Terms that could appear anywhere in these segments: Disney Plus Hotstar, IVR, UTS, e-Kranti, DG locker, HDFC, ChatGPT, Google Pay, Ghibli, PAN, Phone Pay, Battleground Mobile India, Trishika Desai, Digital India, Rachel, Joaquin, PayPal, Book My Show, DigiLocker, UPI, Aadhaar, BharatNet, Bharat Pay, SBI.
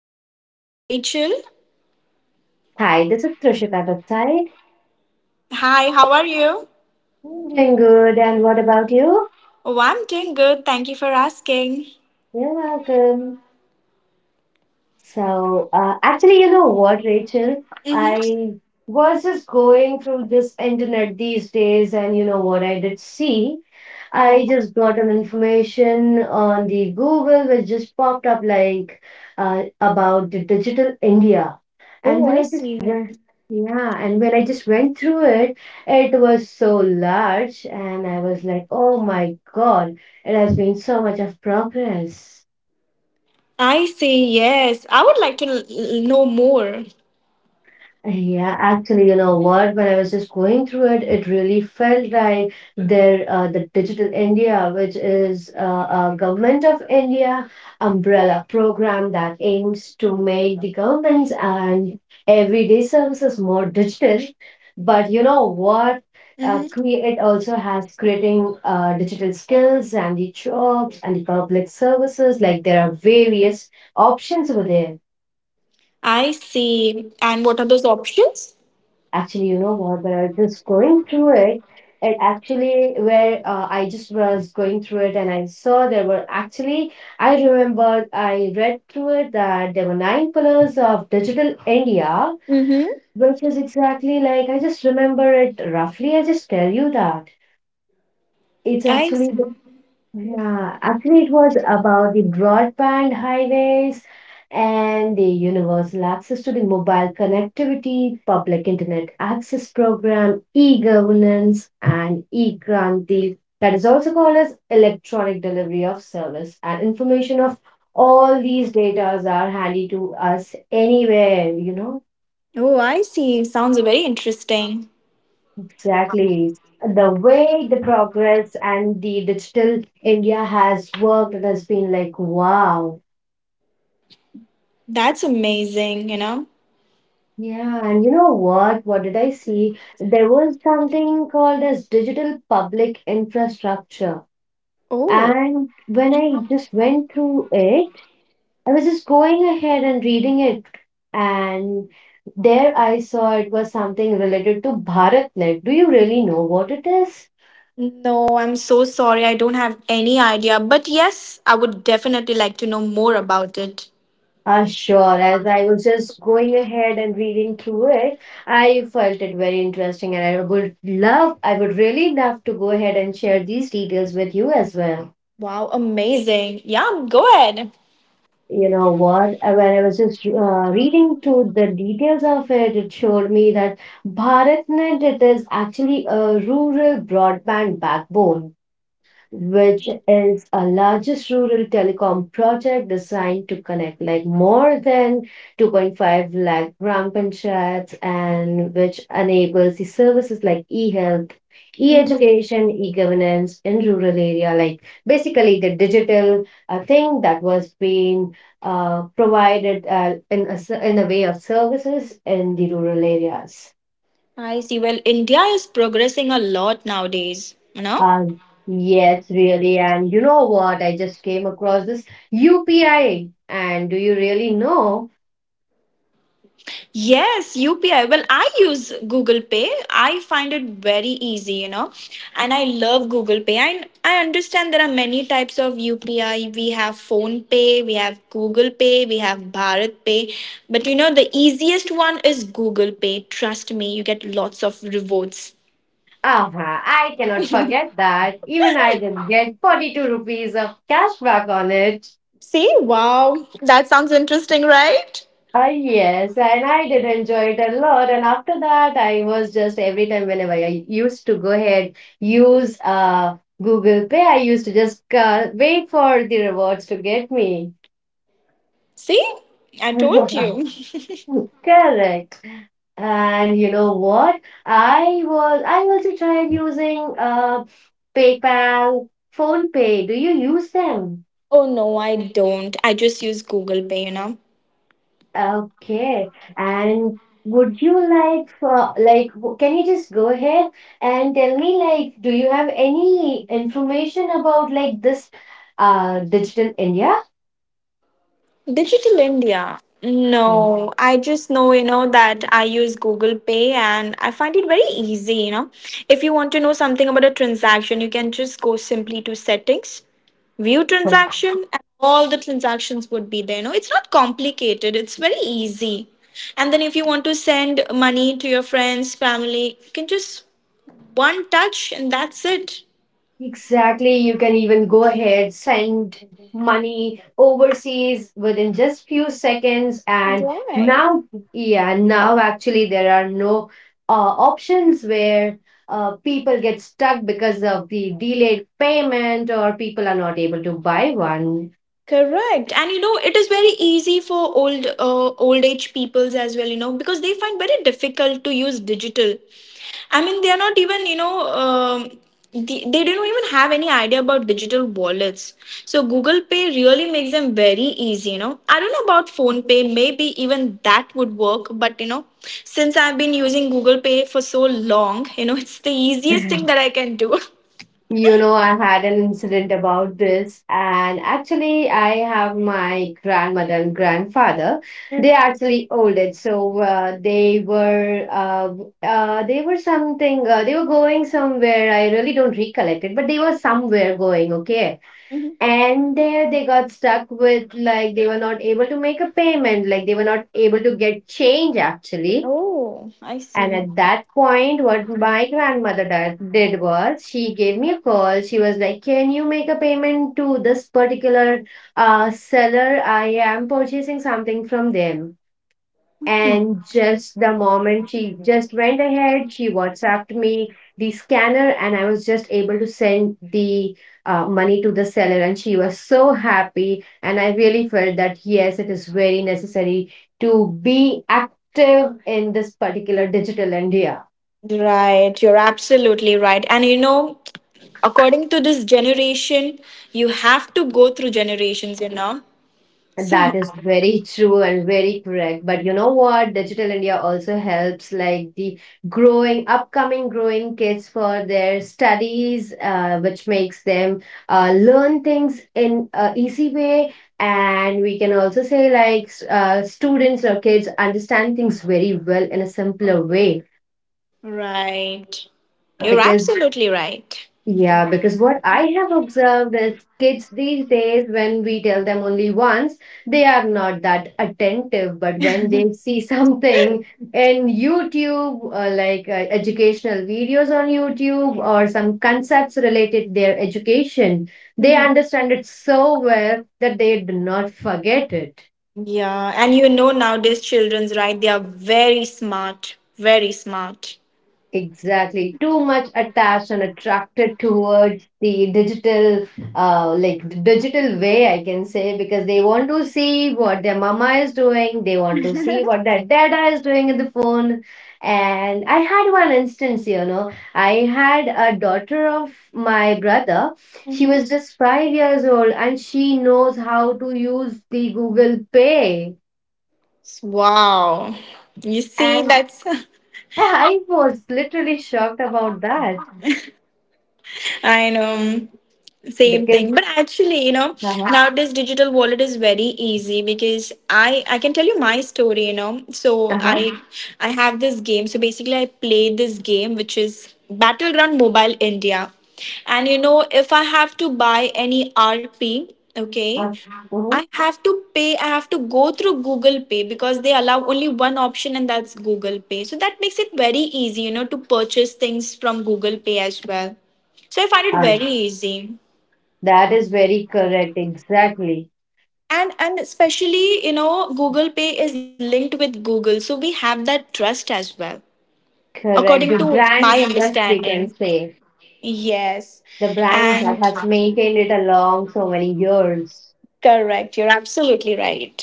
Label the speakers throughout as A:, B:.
A: hi, this is Rachel.
B: Hi, this is Trishika Desai.
A: Hi, how are you?
B: I'm doing good, and what about you?
A: Oh, I'm doing good. Thank you for asking.
B: You're welcome. So, you know what, Rachel?
A: Mm-hmm.
B: I was just going through this internet these days, and you know what I did see? I
A: Yeah.
B: just got an information on the Google, which just popped up like about the digital India.
A: Oh,
B: And when
A: I
B: I just
A: see.
B: went- Yeah, and when I just went through it, it was so large, and I was like, oh my God, it has been so much of progress.
A: I see, yes. I would like to know more.
B: Yeah, actually, you know what? When I was just going through it, it really felt like there, the Digital India, which is a Government of India umbrella program that aims to make the governments and everyday services more digital. But you know what?
A: Mm-hmm.
B: It also has creating digital skills and the jobs and the public services. Like there are various options over there.
A: I see. And what are those options?
B: Actually, you know what? When I was just going through it, it actually where I just was going through it and I saw there were actually I remember I read through it that there were 9 pillars of digital India,
A: Mm-hmm.
B: which is exactly like I just remember it roughly. I just tell you that it's
A: I
B: actually
A: see.
B: yeah, actually, it was about the broadband highways and the universal access to the mobile connectivity, public internet access program, e-governance, and e-Kranti. That is also called as electronic delivery of service and information of all these datas are handy to us anywhere, you know.
A: Oh, I see. Sounds very interesting.
B: Exactly. The way the progress and the digital India has worked, it has been like, wow.
A: That's amazing, you know?
B: Yeah, and you know what? What did I see? There was something called as digital public infrastructure.
A: Oh.
B: And when I just went through it, I was just going ahead and reading it. And there I saw it was something related to BharatNet. Do you really know what it is?
A: No, I'm so sorry. I don't have any idea. But yes, I would definitely like to know more about it.
B: Sure. As I was just going ahead and reading through it, I felt it very interesting, and I would really love to go ahead and share these details with you as well.
A: Wow, amazing. Yeah, go ahead.
B: You know what? When I was just reading to the details of it, it showed me that BharatNet it is actually a rural broadband backbone which is a largest rural telecom project designed to connect like more than 2.5 lakh gram panchayats and which enables the services like e-health,
A: Mhm.
B: e-education, e-governance in rural area, like basically the digital thing that was being provided in in a way of services in the rural areas.
A: I see. Well, India is progressing a lot nowadays, you know?
B: Uh, yes, really. And you know what? I just came across this UPI. And do you really know?
A: Yes, UPI. Well, I use Google Pay. I find it very easy, and I love Google Pay. I understand there are many types of UPI. We have Phone Pay, we have Google Pay, we have Bharat Pay. But you know, the easiest one is Google Pay. Trust me, you get lots of rewards.
B: Ah, I cannot forget that. Even I didn't get 42 rupees of cashback on it.
A: See, wow, that sounds interesting, right?
B: Ah, yes, and I did enjoy it a lot. And after that, I was just every time whenever I used to go ahead use Google Pay, I used to just wait for the rewards to get me.
A: See, I told you.
B: Correct. And you know what? I also tried using PayPal, phone pay. Do you use them?
A: Oh no, I don't. I just use Google Pay, you know.
B: Okay. And would you like can you just go ahead and tell me like do you have any information about like this Digital India?
A: Digital India. No, I just know, you know, that I use Google Pay and I find it very easy, you know. If you want to know something about a transaction, you can just go simply to settings, view transaction, and all the transactions would be there. You know, it's not complicated, it's very easy. And then if you want to send money to your friends, family, you can just one touch and that's it.
B: Exactly. You can even go ahead, send money overseas within just few seconds. And
A: Right.
B: now, yeah, now actually there are no options where people get stuck because of the delayed payment or people are not able to buy one.
A: Correct. And you know, it is very easy for old age peoples as well, you know, because they find very difficult to use digital. I mean, they are not even, the, they don't even have any idea about digital wallets. So Google Pay really makes them very easy, you know. I don't know about Phone Pay, maybe even that would work, but you know, since I've been using Google Pay for so long, you know, it's the easiest thing that I can do.
B: You know, I had an incident about this, and actually, I have my grandmother and grandfather. They actually old it, so they were something. They were going somewhere. I really don't recollect it, but they were somewhere going. Okay,
A: Mhm.
B: and there they got stuck with like they were not able to make a payment. Like they were not able to get change actually
A: Oh, I
B: and
A: see.
B: at that point, what my grandmother did was she gave me a call. She was like, can you make a payment to this particular seller? I am purchasing something from them. And just the moment she just went ahead, she WhatsApped me the scanner, and I was just able to send the money to the seller. And she was so happy. And I really felt that yes, it is very necessary to be active in this particular digital India.
A: Right, you're absolutely right. And you know, according to this generation, you have to go through generations, you know? So,
B: That is very true and very correct. But you know what? Digital India also helps like the growing, upcoming growing kids for their studies, which makes them learn things in a easy way. And we can also say like students or kids understand things very well in a simpler way
A: right. You're
B: because
A: absolutely right.
B: yeah, because what I have observed is kids these days, when we tell them only once, they are not that attentive. But when they see something in YouTube, like educational videos on YouTube or some concepts related their education, they understand it so well that they do not forget it.
A: Yeah, and you know nowadays children's right, they are very smart, very smart.
B: Exactly. Too much attached and attracted towards the digital, digital way, I can say, because they want to see what their mama is doing. They want to see what their dada is doing in the phone. And I had one instance, you know, I had a daughter of my brother. She was just 5 years old and she knows how to use the Google Pay.
A: Wow. You see
B: And
A: that's
B: I was literally shocked about that
A: I know. Same thing,
B: because
A: but actually, you know,
B: uh-huh.
A: nowadays digital wallet is very easy because I can tell you my story, you know. So i
B: Uh-huh.
A: i have this game. So basically I play this game, which is Battleground Mobile India, and you know, if I have to buy any RP, okay,
B: Uh,
A: I
B: Mhm.
A: have to pay, I have to go through Google Pay because they allow only one option and that's Google Pay. So that makes it very easy, you know, to purchase things from Google Pay as well. So I find it
B: um,
A: very easy.
B: that is very correct. Exactly.
A: And especially, you know, Google Pay is linked with Google, so we have that trust as well according
B: Correct. The
A: to my
B: brand trust, we
A: understanding.
B: can say.
A: Yes,
B: The brand that
A: and
B: has maintained it along so many years.
A: correct, you're absolutely right.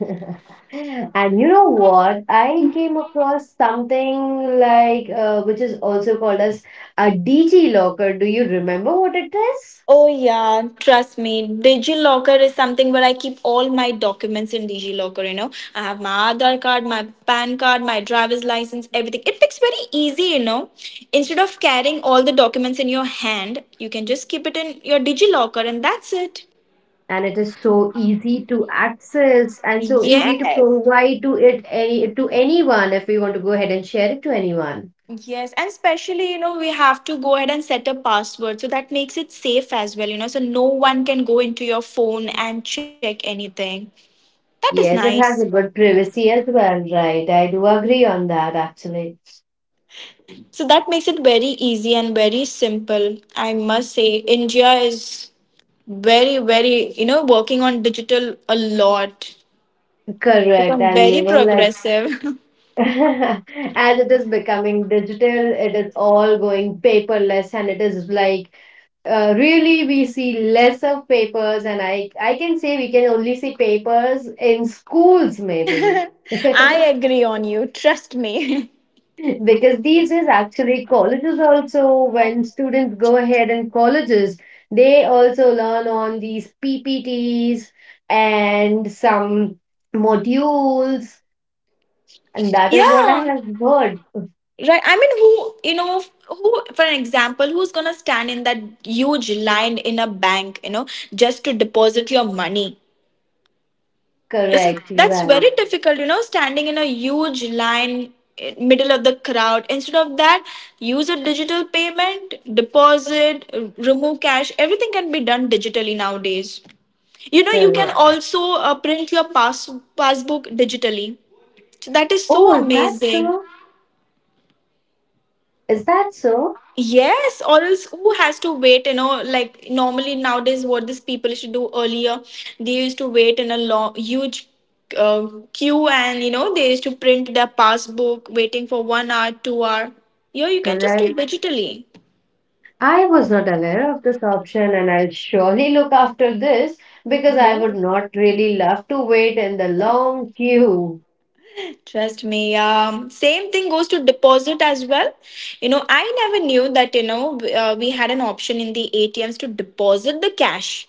B: And you know what? I came across something which is also called as a DG locker. Do you remember what it is?
A: Oh yeah, trust me, DigiLocker is something where I keep all my documents in DigiLocker. You know, I have my Aadhaar card, my PAN card, my driver's license, everything. It makes very easy, you know, instead of carrying all the documents in your hand, you can just keep it in your DigiLocker and that's it.
B: And it is so easy to access and so easy to
A: Yes.
B: provide to anyone if we want to go ahead and share it to anyone.
A: Yes. And especially, you know, we have to go ahead and set a password. So that makes it safe as well, you know. So no one can go into your phone and check anything. That is
B: Yes, it
A: nice.
B: has a good privacy as well, right? I do agree on that actually.
A: So that makes it very easy and very simple. I must say, India is very, very, you know, working on digital a lot.
B: Correct.
A: Become
B: And you
A: very
B: know, like
A: progressive.
B: as it is becoming digital, it is all going paperless and it is like really we see less of papers and I can say we can only see papers in schools maybe.
A: I agree on you. Trust me.
B: Because these is actually, colleges also, when students go ahead in colleges, they also learn on these PPTs and some modules, and that is what I
A: Yeah.
B: have heard.
A: Right. I mean, who, you know, who, for an example, who's going to stand in that huge line in a bank, you know, just to deposit your money? It's,
B: Correct,
A: that's very
B: right,
A: difficult, you know, standing in a huge line in middle of the crowd. Instead of that, use a digital payment, deposit, remove cash, everything can be done digitally nowadays, you know. You can
B: correct.
A: also print your passbook digitally, so that is
B: Oh,
A: so
B: is that
A: amazing.
B: so? Is that so?
A: Yes, or else who has to wait? You know, like normally nowadays, what these people used to do earlier, they used to wait in a long, huge uh, queue, and you know, they used to print their passbook, waiting for 1 hour, 2 hour. Here, you can just do
B: Correct.
A: digitally.
B: I was not aware of this option, and I'll surely look after this because I would not really love to wait in the long queue.
A: Trust me. Same thing goes to deposit as well. You know, I never knew that, you know, we had an option in the ATMs to deposit the cash.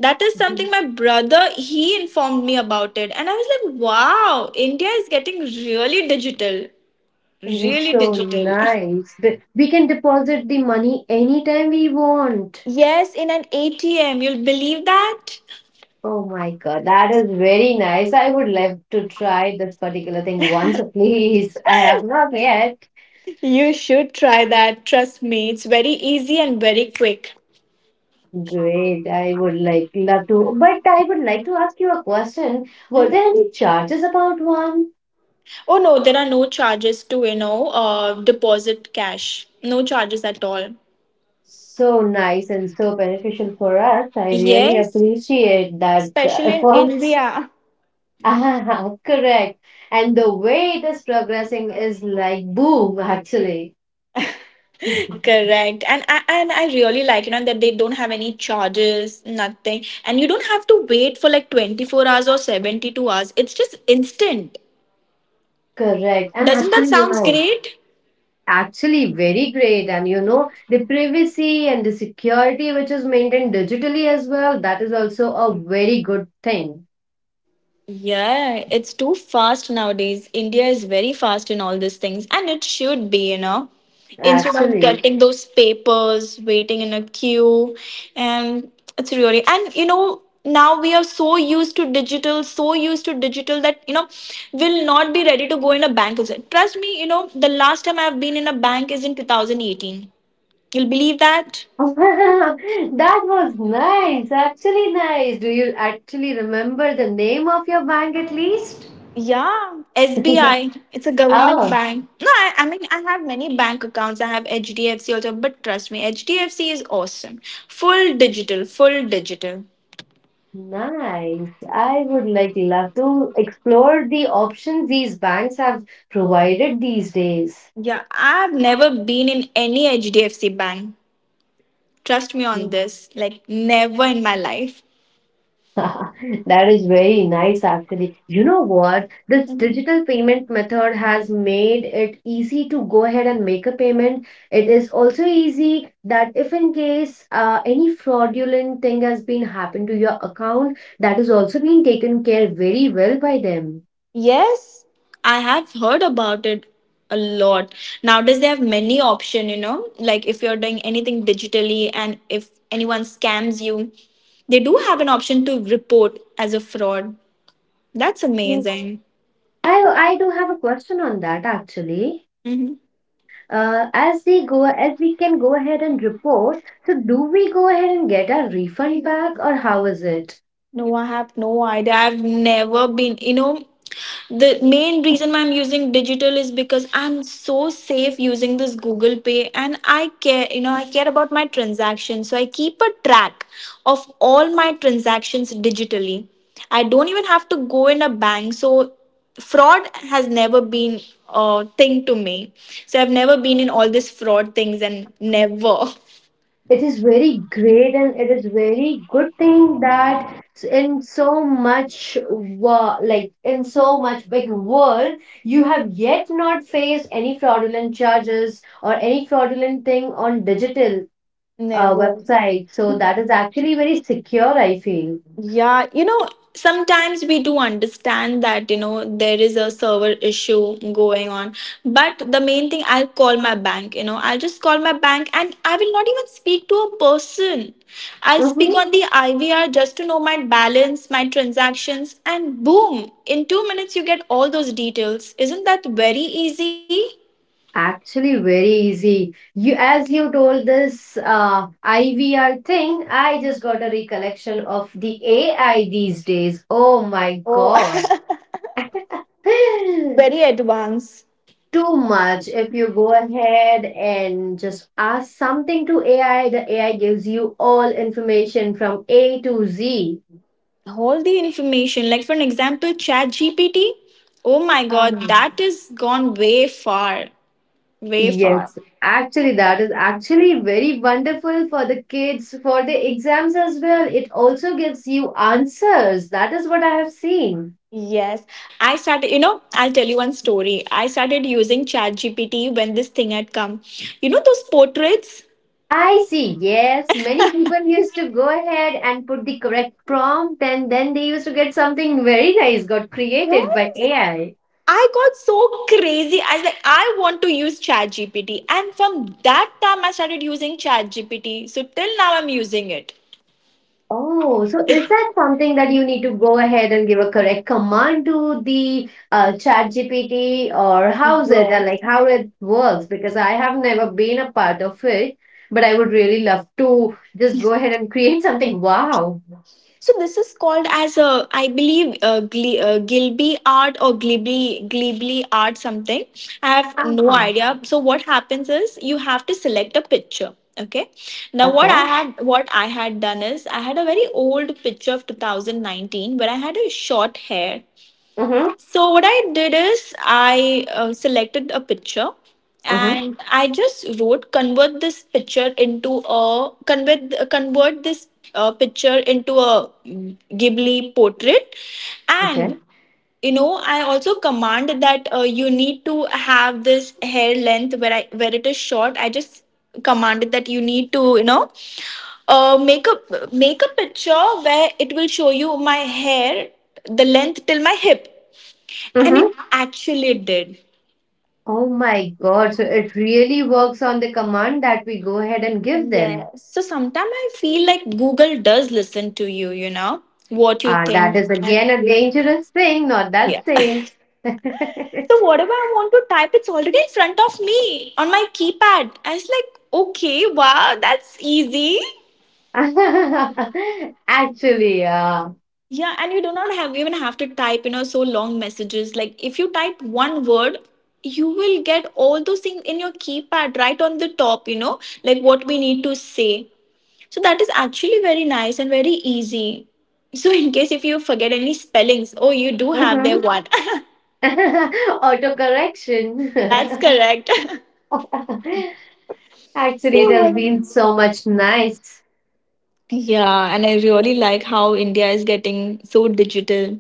A: That is something my brother, he informed me about it, and I was like, wow, India is getting really digital,
B: It is
A: really
B: so
A: digital.
B: nice. But we can deposit the money anytime we want.
A: Yes, in an ATM, you'll believe that.
B: Oh my God, that is very nice. I would love to try this particular thing once, please. I have not yet.
A: You should try that, trust me, it's very easy and very quick.
B: Great. I would like love to, but I would like to ask you a question. Were there
A: Mhm.
B: any charges about one?
A: Oh no, there are no charges to, you know, deposit cash, no charges at all.
B: So nice and so beneficial for us. I really
A: Yes,
B: appreciate that
A: especially in
B: efforts.
A: India.
B: Ah, correct. And the way it is progressing is like boom, actually.
A: Correct. And I really like, you know, that they don't have any charges, nothing. And you don't have to wait for like 24 hours or 72 hours. It's just instant.
B: Correct. And
A: Doesn't that
B: actually, you
A: sounds
B: know,
A: great?
B: actually very great. And you know, the privacy and the security which is maintained digitally as well, that is also a very good thing,
A: Yeah, it's too fast nowadays. India is very fast in all these things, and it should be, you know. Instead of
B: actually.
A: getting those papers, waiting in a queue, and it's really, and you know, now we are so used to digital, so used to digital that, you know, we'll not be ready to go in a bank. Trust me, you know, the last time I've been in a bank is in 2018. You'll believe that?
B: That was nice, actually nice. Do you actually remember the name of your bank at least?
A: Yeah, SBI. It's a government
B: Oh,
A: bank. No, I mean, I have many bank accounts. I have HDFC also, but trust me, HDFC is awesome. Full digital, full digital.
B: nice. I would like love to explore the options these banks have provided these days.
A: Yeah, I've never been in any HDFC bank. Trust me on
B: Mm.
A: this. Like never in my life.
B: That is very nice, actually. You know what? This digital payment method has made it easy to go ahead and make a payment. It is also easy that if in case any fraudulent thing has been happened to your account, that is also being taken care very well by them.
A: Yes, I have heard about it a lot. Nowadays they have many option, you know, like if you're doing anything digitally and if anyone scams you, they do have an option to report as a fraud. That's
B: Mm.
A: amazing.
B: I I do have a question on that actually.
A: Mhm.
B: As they go as we can go ahead and report so do we go ahead and get our refund back or how is it
A: No, I have no idea. I've never been, you know, the main reason why I'm using digital is because I'm so safe using this Google Pay and I care, you know, I care about my transactions. So I keep a track of all my transactions digitally. I don't even have to go in a bank. So fraud has never been a thing to me. So I've never been in all these fraud things and never.
B: it is very great and it is very good thing that in so much like in so much big world you have yet not faced any fraudulent charges or any fraudulent thing on digital
A: Never.
B: website so that is actually very secure I feel.
A: Yeah, you know, sometimes we do understand that, you know, there is a server issue going on. But the main thing, I'll call my bank, you know, I'll just call my bank and I will not even speak to a person. I'll speak
B: Mhm.
A: on the IVR just to know my balance, my transactions, and boom, in 2 minutes, you get all those details. Isn't that very easy?
B: Actually, very easy. You, as you told this IVR thing, I just got a recollection of the AI these days. Oh my
A: Oh,
B: God.
A: very advanced.
B: Too much. If you go ahead and just ask something to AI, the AI gives you all information from A to Z.
A: All the information, like for an example, chat gpt oh my God, that is gone way far, way far.
B: Yes, actually, that is actually very wonderful for the kids for the exams as well. It also gives you answers. That is what I have seen.
A: Yes, I started, you know, I'll tell you one story. I started using chat gpt when this thing had come, you know, those portraits.
B: I see. Yes, many people used to go ahead and put the correct prompt, and then they used to get something very nice got created by AI.
A: I got so crazy. I was like, I want to use ChatGPT. And from that time, I started using ChatGPT. So till now, I'm using it.
B: Oh, so is that something that you need to go ahead and give a correct command to the chat GPT or how's it, like how it works? Because I have never been a part of it, but I would really love to just go ahead and create something. Wow.
A: So this is called as a, I believe, Gilby art or Glibly Glibly art something. I have no
B: Uh-huh.
A: idea. So what happens is you have to select a picture. Okay. Now what
B: Okay.
A: I had what I had done is I had a very old picture of 2019 where I had a short hair.
B: Mm-hmm.
A: So what I did is I selected a picture,
B: Mm-hmm.
A: and I just wrote, convert this picture into a convert convert this picture into a Ghibli portrait,
B: Okay.
A: and you know, I also command that you need to have this hair length. Where it is short, I just commanded that you need to, you know, make a picture where it will show you my hair, the length till my hip, and it
B: Mm-hmm.
A: actually did.
B: Oh my God. So it really works on the command that we go ahead and give them.
A: Yeah. So sometimes I feel like Google does listen to you, you know, what you
B: That
A: think.
B: is
A: And
B: again a dangerous thing, not that
A: yeah. So
B: safe.
A: whatever I want to type, it's already in front of me on my keypad. I was like, okay, wow, that's easy.
B: Actually, yeah.
A: Yeah, and you do not have even have to type, you know, so long messages. Like if you type one word, you will get all those things in your keypad right on the top, you know, like what we need to say. So that is actually very nice and very easy. So in case if you forget any spellings, oh, you do have their
B: Mhm.
A: one.
B: Auto correction.
A: That's correct.
B: Actually, it has been
A: so
B: so much nice.
A: yeah, and I really like how India is getting so digital.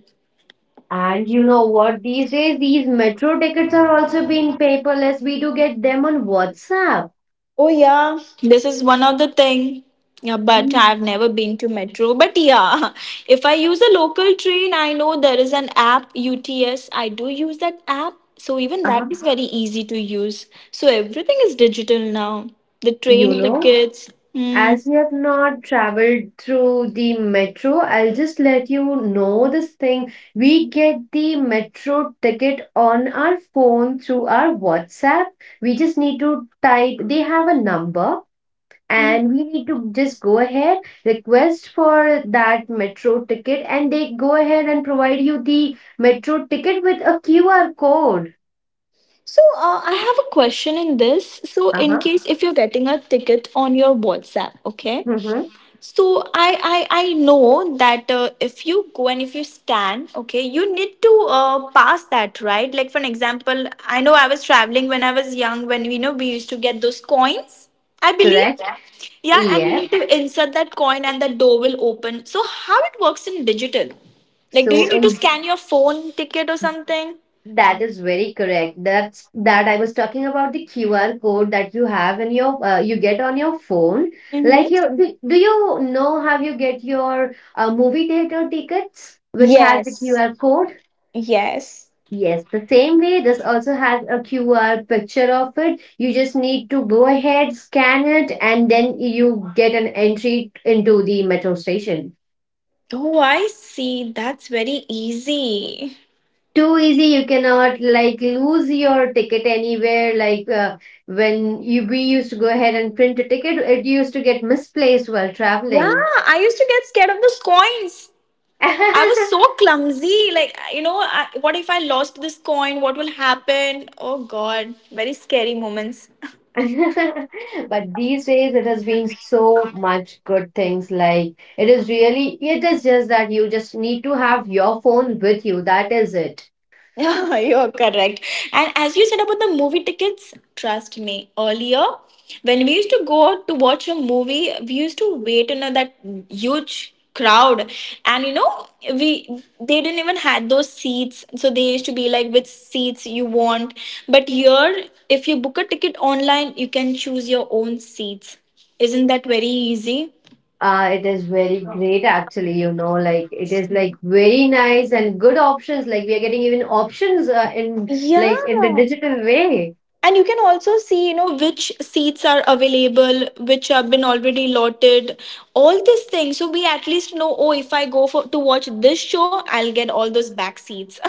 B: And you know what? These days, these metro tickets are also being paperless. We do get them on WhatsApp.
A: Oh yeah, this is one of the thing. Yeah, but
B: Mm.
A: I've never been to metro. But yeah, if I use a local train, I know there is an app UTS. I do use that app, so even that
B: Uh-huh.
A: is very easy to use. So everything is digital now. The
B: You
A: train
B: know?
A: tickets. Hmm.
B: As we have not traveled through the metro, I'll just let you know this thing. We get the metro ticket on our phone through our WhatsApp. We just need to type, they have a number, and we need to just go ahead, request for that metro ticket, and they go ahead and provide you the metro ticket with a QR code.
A: So I have a question in this. So
B: Uh
A: in
B: huh.
A: case if you're getting a ticket on your WhatsApp, okay?
B: Mm-hmm.
A: So I know that if you go and if you stand, okay, you need to pass that, right? Like for an example, I know I was traveling when I was young, when you know we used to get those coins. I believe,
B: Correct.
A: yeah, yeah, and you
B: Yeah.
A: need to insert that coin and that door will open. So how it works in digital? Like, do
B: So
A: you need to
B: in
A: scan your phone ticket or something?
B: That is very correct. That's that I was talking about the QR code that you have in your you get on your phone.
A: Mm-hmm.
B: Like you do, do you know how you get your movie theater tickets, which has the
A: Yes.
B: QR code?
A: Yes.
B: Yes, the same way this also has a QR picture of it. You just need to go ahead, scan it, and then you get an entry into the metro station.
A: Oh, I see. That's very easy.
B: Too easy. You cannot like lose your ticket anywhere, like when you we used to go ahead and print a ticket, it used to get misplaced while
A: Yeah,
B: traveling.
A: I used to get scared of those coins. I was so clumsy. Like, you know, what if I lost this coin? What will happen? Oh, God. Very scary moments.
B: But these days it has been so much good things, like it is really, it is just that you just need to have your phone with you, that is it.
A: You're correct. And as you said about the movie tickets, trust me, earlier when we used to go out to watch a movie, we used to wait in a, that huge crowd. And you know, we they didn't even had those seats, so they used to be like which seats you want. But here if you book a ticket online, you can choose your own seats. Isn't that very easy?
B: It is very great actually, you know, like it is like very nice and good options. Like we are getting even options in like in the
A: Yeah,
B: digital way.
A: and you can also see, you know, which seats are available, which have been already allotted, all these things. So we at least know, oh, if I go for to watch this show, I'll get all those back seats, or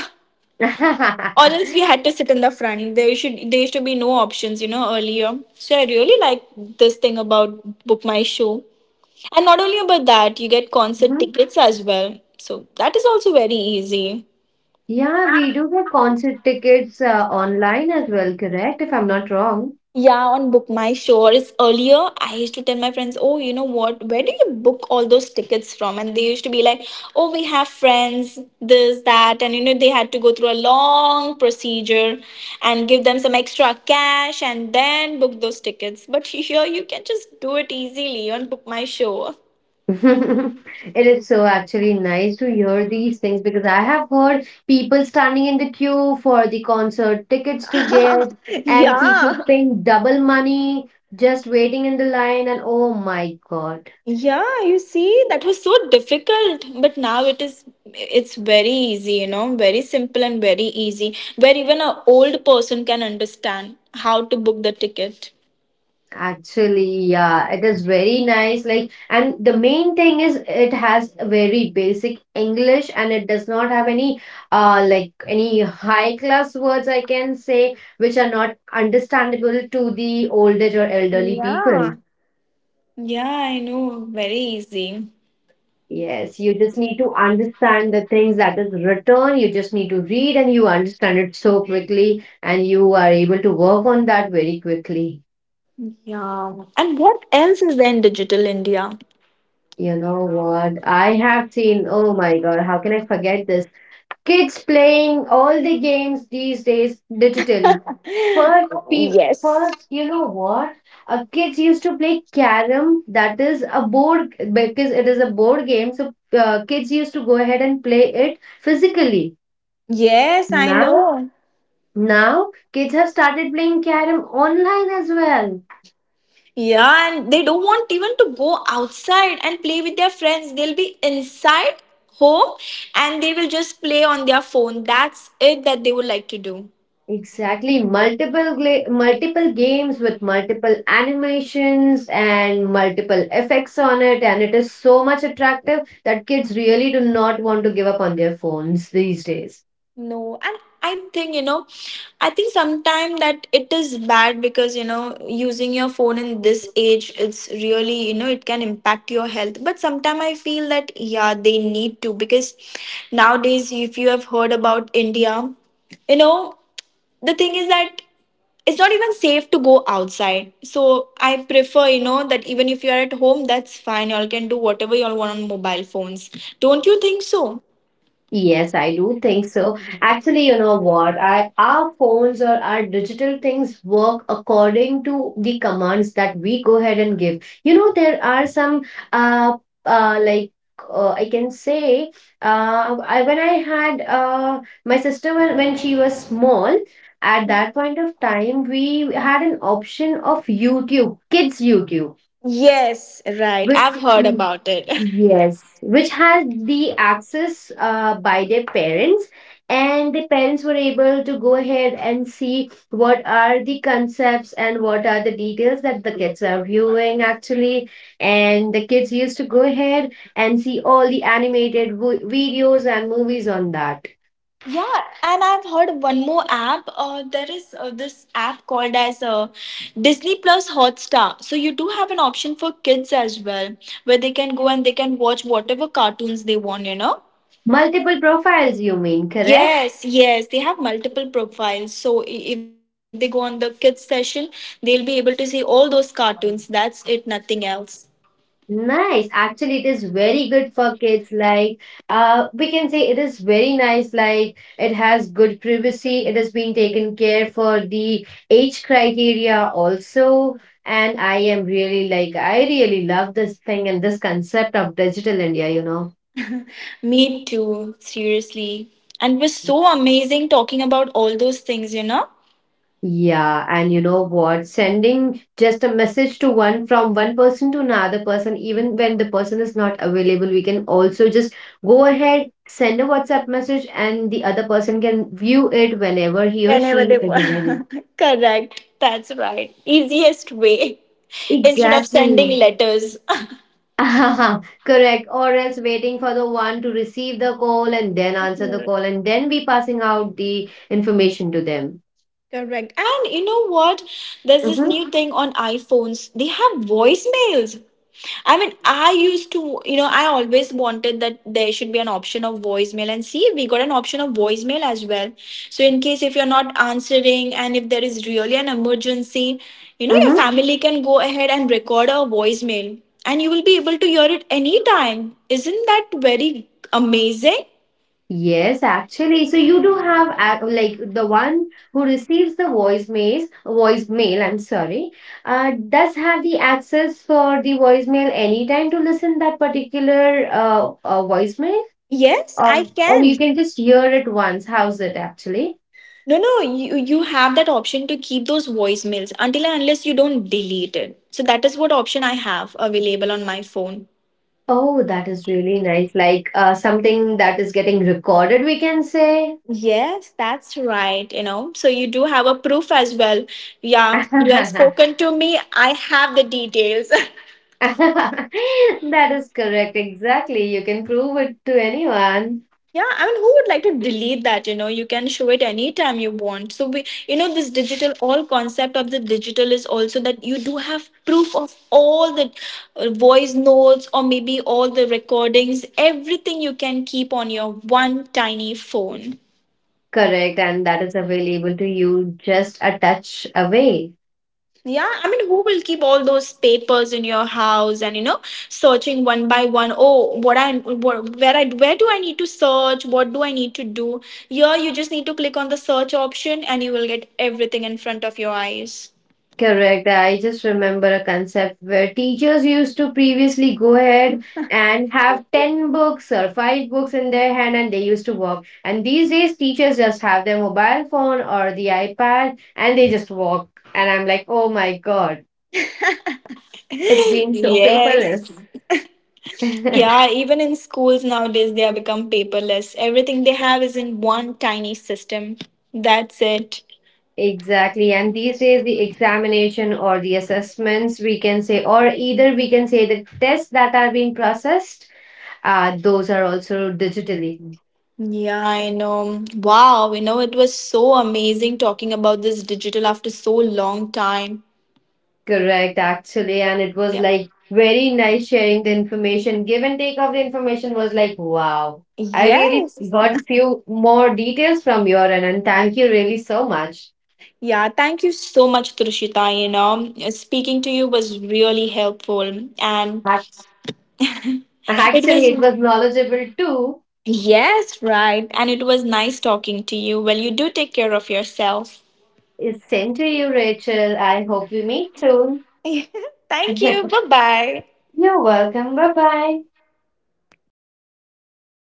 A: else we had to sit in the front. There used to be no options, you know, earlier, so I really like this thing about Book My Show. And not only about that, you get concert
B: Mhm.
A: tickets as well, so that is also very easy.
B: Yeah, we do get concert tickets online as well, correct? If I'm not wrong.
A: Yeah, on Book My Show. Or It's Earlier, I used to tell my friends, oh, you know what? Where do you book all those tickets from? And they used to be like, oh, we have friends, this, that. And, you know, they had to go through a long procedure and give them some extra cash and then book those tickets. But here you can just do it easily on Book My Show.
B: It is so actually nice to hear these things because I have heard people standing in the queue for the concert tickets to get, and people
A: Yeah.
B: paying double money, just waiting in the line, and oh my God.
A: Yeah, you see, that was so difficult, but now it's very easy, you know, very simple and very easy, where even a old person can understand how to book the ticket.
B: Actually, yeah, it is very nice. Like, and the main thing is it has a very basic English and it does not have any like any high class words, I can say, which are not understandable to the old age or elderly people.
A: Yeah. Yeah, I know, very easy.
B: Yes, you just need to understand the things that is written. You just need to read and you understand it so quickly and you are able to work on that very quickly.
A: Yeah. And what else is there in digital India?
B: You know what? I have seen, oh my God, how can I forget this? Kids playing all the games these days digitally. First, you know what? Kids used to play carom. That is a board, because it is a board game. So kids used to go ahead and play it physically.
A: Yes, I
B: Now,
A: know.
B: now, kids have started playing carom online as well.
A: Yeah, and they don't want even to go outside and play with their friends. They'll be inside home and they will just play on their phone. That's it that they would like to do.
B: Exactly. Multiple games with multiple animations and multiple effects on it, and it is so much attractive that kids really do not want to give up on their phones these days.
A: No, and I think, you know, I think sometime that it is bad because, you know, using your phone in this age, it's really, you know, it can impact your health. But sometime I feel that, yeah, they need to, because nowadays, if you have heard about India, you know, the thing is that it's not even safe to go outside. So I prefer, you know, that even if you are at home, that's fine. Y'all can do whatever y'all want on mobile phones. Don't you think so?
B: Yes, I do think so. Actually, you know what? Our phones or our digital things work according to the commands that we go ahead and give. You know, there are some uh uh like I can say, when I had my sister when she was small, at that point of time we had an option of YouTube, kids YouTube,
A: Yes, right.
B: which
A: I've heard about it.
B: Yes, which had the access by their parents, and the parents were able to go ahead and see what are the concepts and what are the details that the kids are viewing actually. And the kids used to go ahead and see all the animated videos and movies on that.
A: Yeah, and I've heard one more app. There is this app called as Disney Plus Hotstar. So you do have an option for kids as well, where they can go and they can watch whatever cartoons they want, you know.
B: Multiple profiles, you mean, correct?
A: Yes, yes, they have multiple profiles. So if they go on the kids session, they'll be able to see all those cartoons. That's it, nothing else.
B: Nice. Actually, it is very good for kids. Like, we can say it is very nice. Like, it has good privacy. It has been taken care for the age criteria also. And I am really like, I really love this thing and this concept of digital India, you know.
A: Me too, seriously. And it was so amazing talking about all those things, you know?
B: Yeah, and you know what? Sending just a message to one from one person to another person, even when the person is not available, we can also just go ahead, send a WhatsApp message, and the other person can view it whenever he or
A: Whenever
B: she
A: they
B: is available.
A: want. Correct. That's right. Easiest way. Instead of sending
B: Exactly.
A: letters.
B: Correct. Or else waiting for the one to receive the call and then answer the call, and then be passing out the information to them.
A: Correct. And you know what? There's this
B: Mm-hmm.
A: new thing on iPhones. They have voicemails. I mean, I used to, you know, I always wanted that there should be an option of voicemail. And see, we got an option of voicemail as well. So, in case if you're not answering and if there is really an emergency, you know, your
B: Mm-hmm.
A: family can go ahead and record a voicemail, and you will be able to hear it anytime. Isn't that very amazing?
B: Yes, actually. So you do have like the one who receives the voicemail, I'm sorry, does have the access for the voicemail anytime to listen that particular voicemail,
A: Yes, I
B: or
A: can.
B: you can just hear it once. How's it actually?
A: No, no, you have that option to keep those voicemails until and unless you don't delete it. So that is what option I have available on my phone.
B: Oh, that is really nice. Like something that is getting recorded, we can say.
A: Yes, that's right, you know. So you do have a proof as well. Yeah, you had spoken to me. I have the details.
B: That is correct. Exactly. You can prove it to anyone.
A: Yeah, I mean, who would like to delete that? You know, you can show it anytime you want. So we, you know, this digital all concept of the digital is also that you do have proof of all the voice notes or maybe all the recordings, everything you can keep on your one tiny phone.
B: Correct, and that is available to you just a touch away.
A: Yeah, I mean, who will keep all those papers in your house and you know, searching one by one? Oh, where I where do I need to search? What do I need to do? Here, you just need to click on the search option, and you will get everything in front of your eyes.
B: Correct. I just remember a concept where teachers used to previously go ahead and have 10 books or 5 books in their hand and they used to walk. And these days, teachers just have their mobile phone or the iPad and they just walk. And I'm like, oh my God, it's being so paperless.
A: Yes. Yeah, even in schools nowadays, they have become paperless. Everything they have is in one tiny system. That's it.
B: Exactly. And these days, the examination or the assessments, we can say, or either we can say the tests that are being processed, those are also digitally.
A: Yeah, I know. Wow, you know, it was so amazing talking about this digital after so long time.
B: Correct, actually. And it was
A: Yeah.
B: like very nice sharing the information. Give and take of the information was like, wow. I really
A: Yes.
B: got few more details from your end, and thank you really so much.
A: Yeah. Thank you so much, Trushita. You know, speaking to you was really helpful.
B: That's,
A: It
B: Actually, it
A: was,
B: was knowledgeable too.
A: yes, right. And it was nice talking to you. Well, you do take care of yourself.
B: It's Same to you, Rachel. I hope we meet soon.
A: Thank you. Bye bye.
B: You're welcome. Bye bye.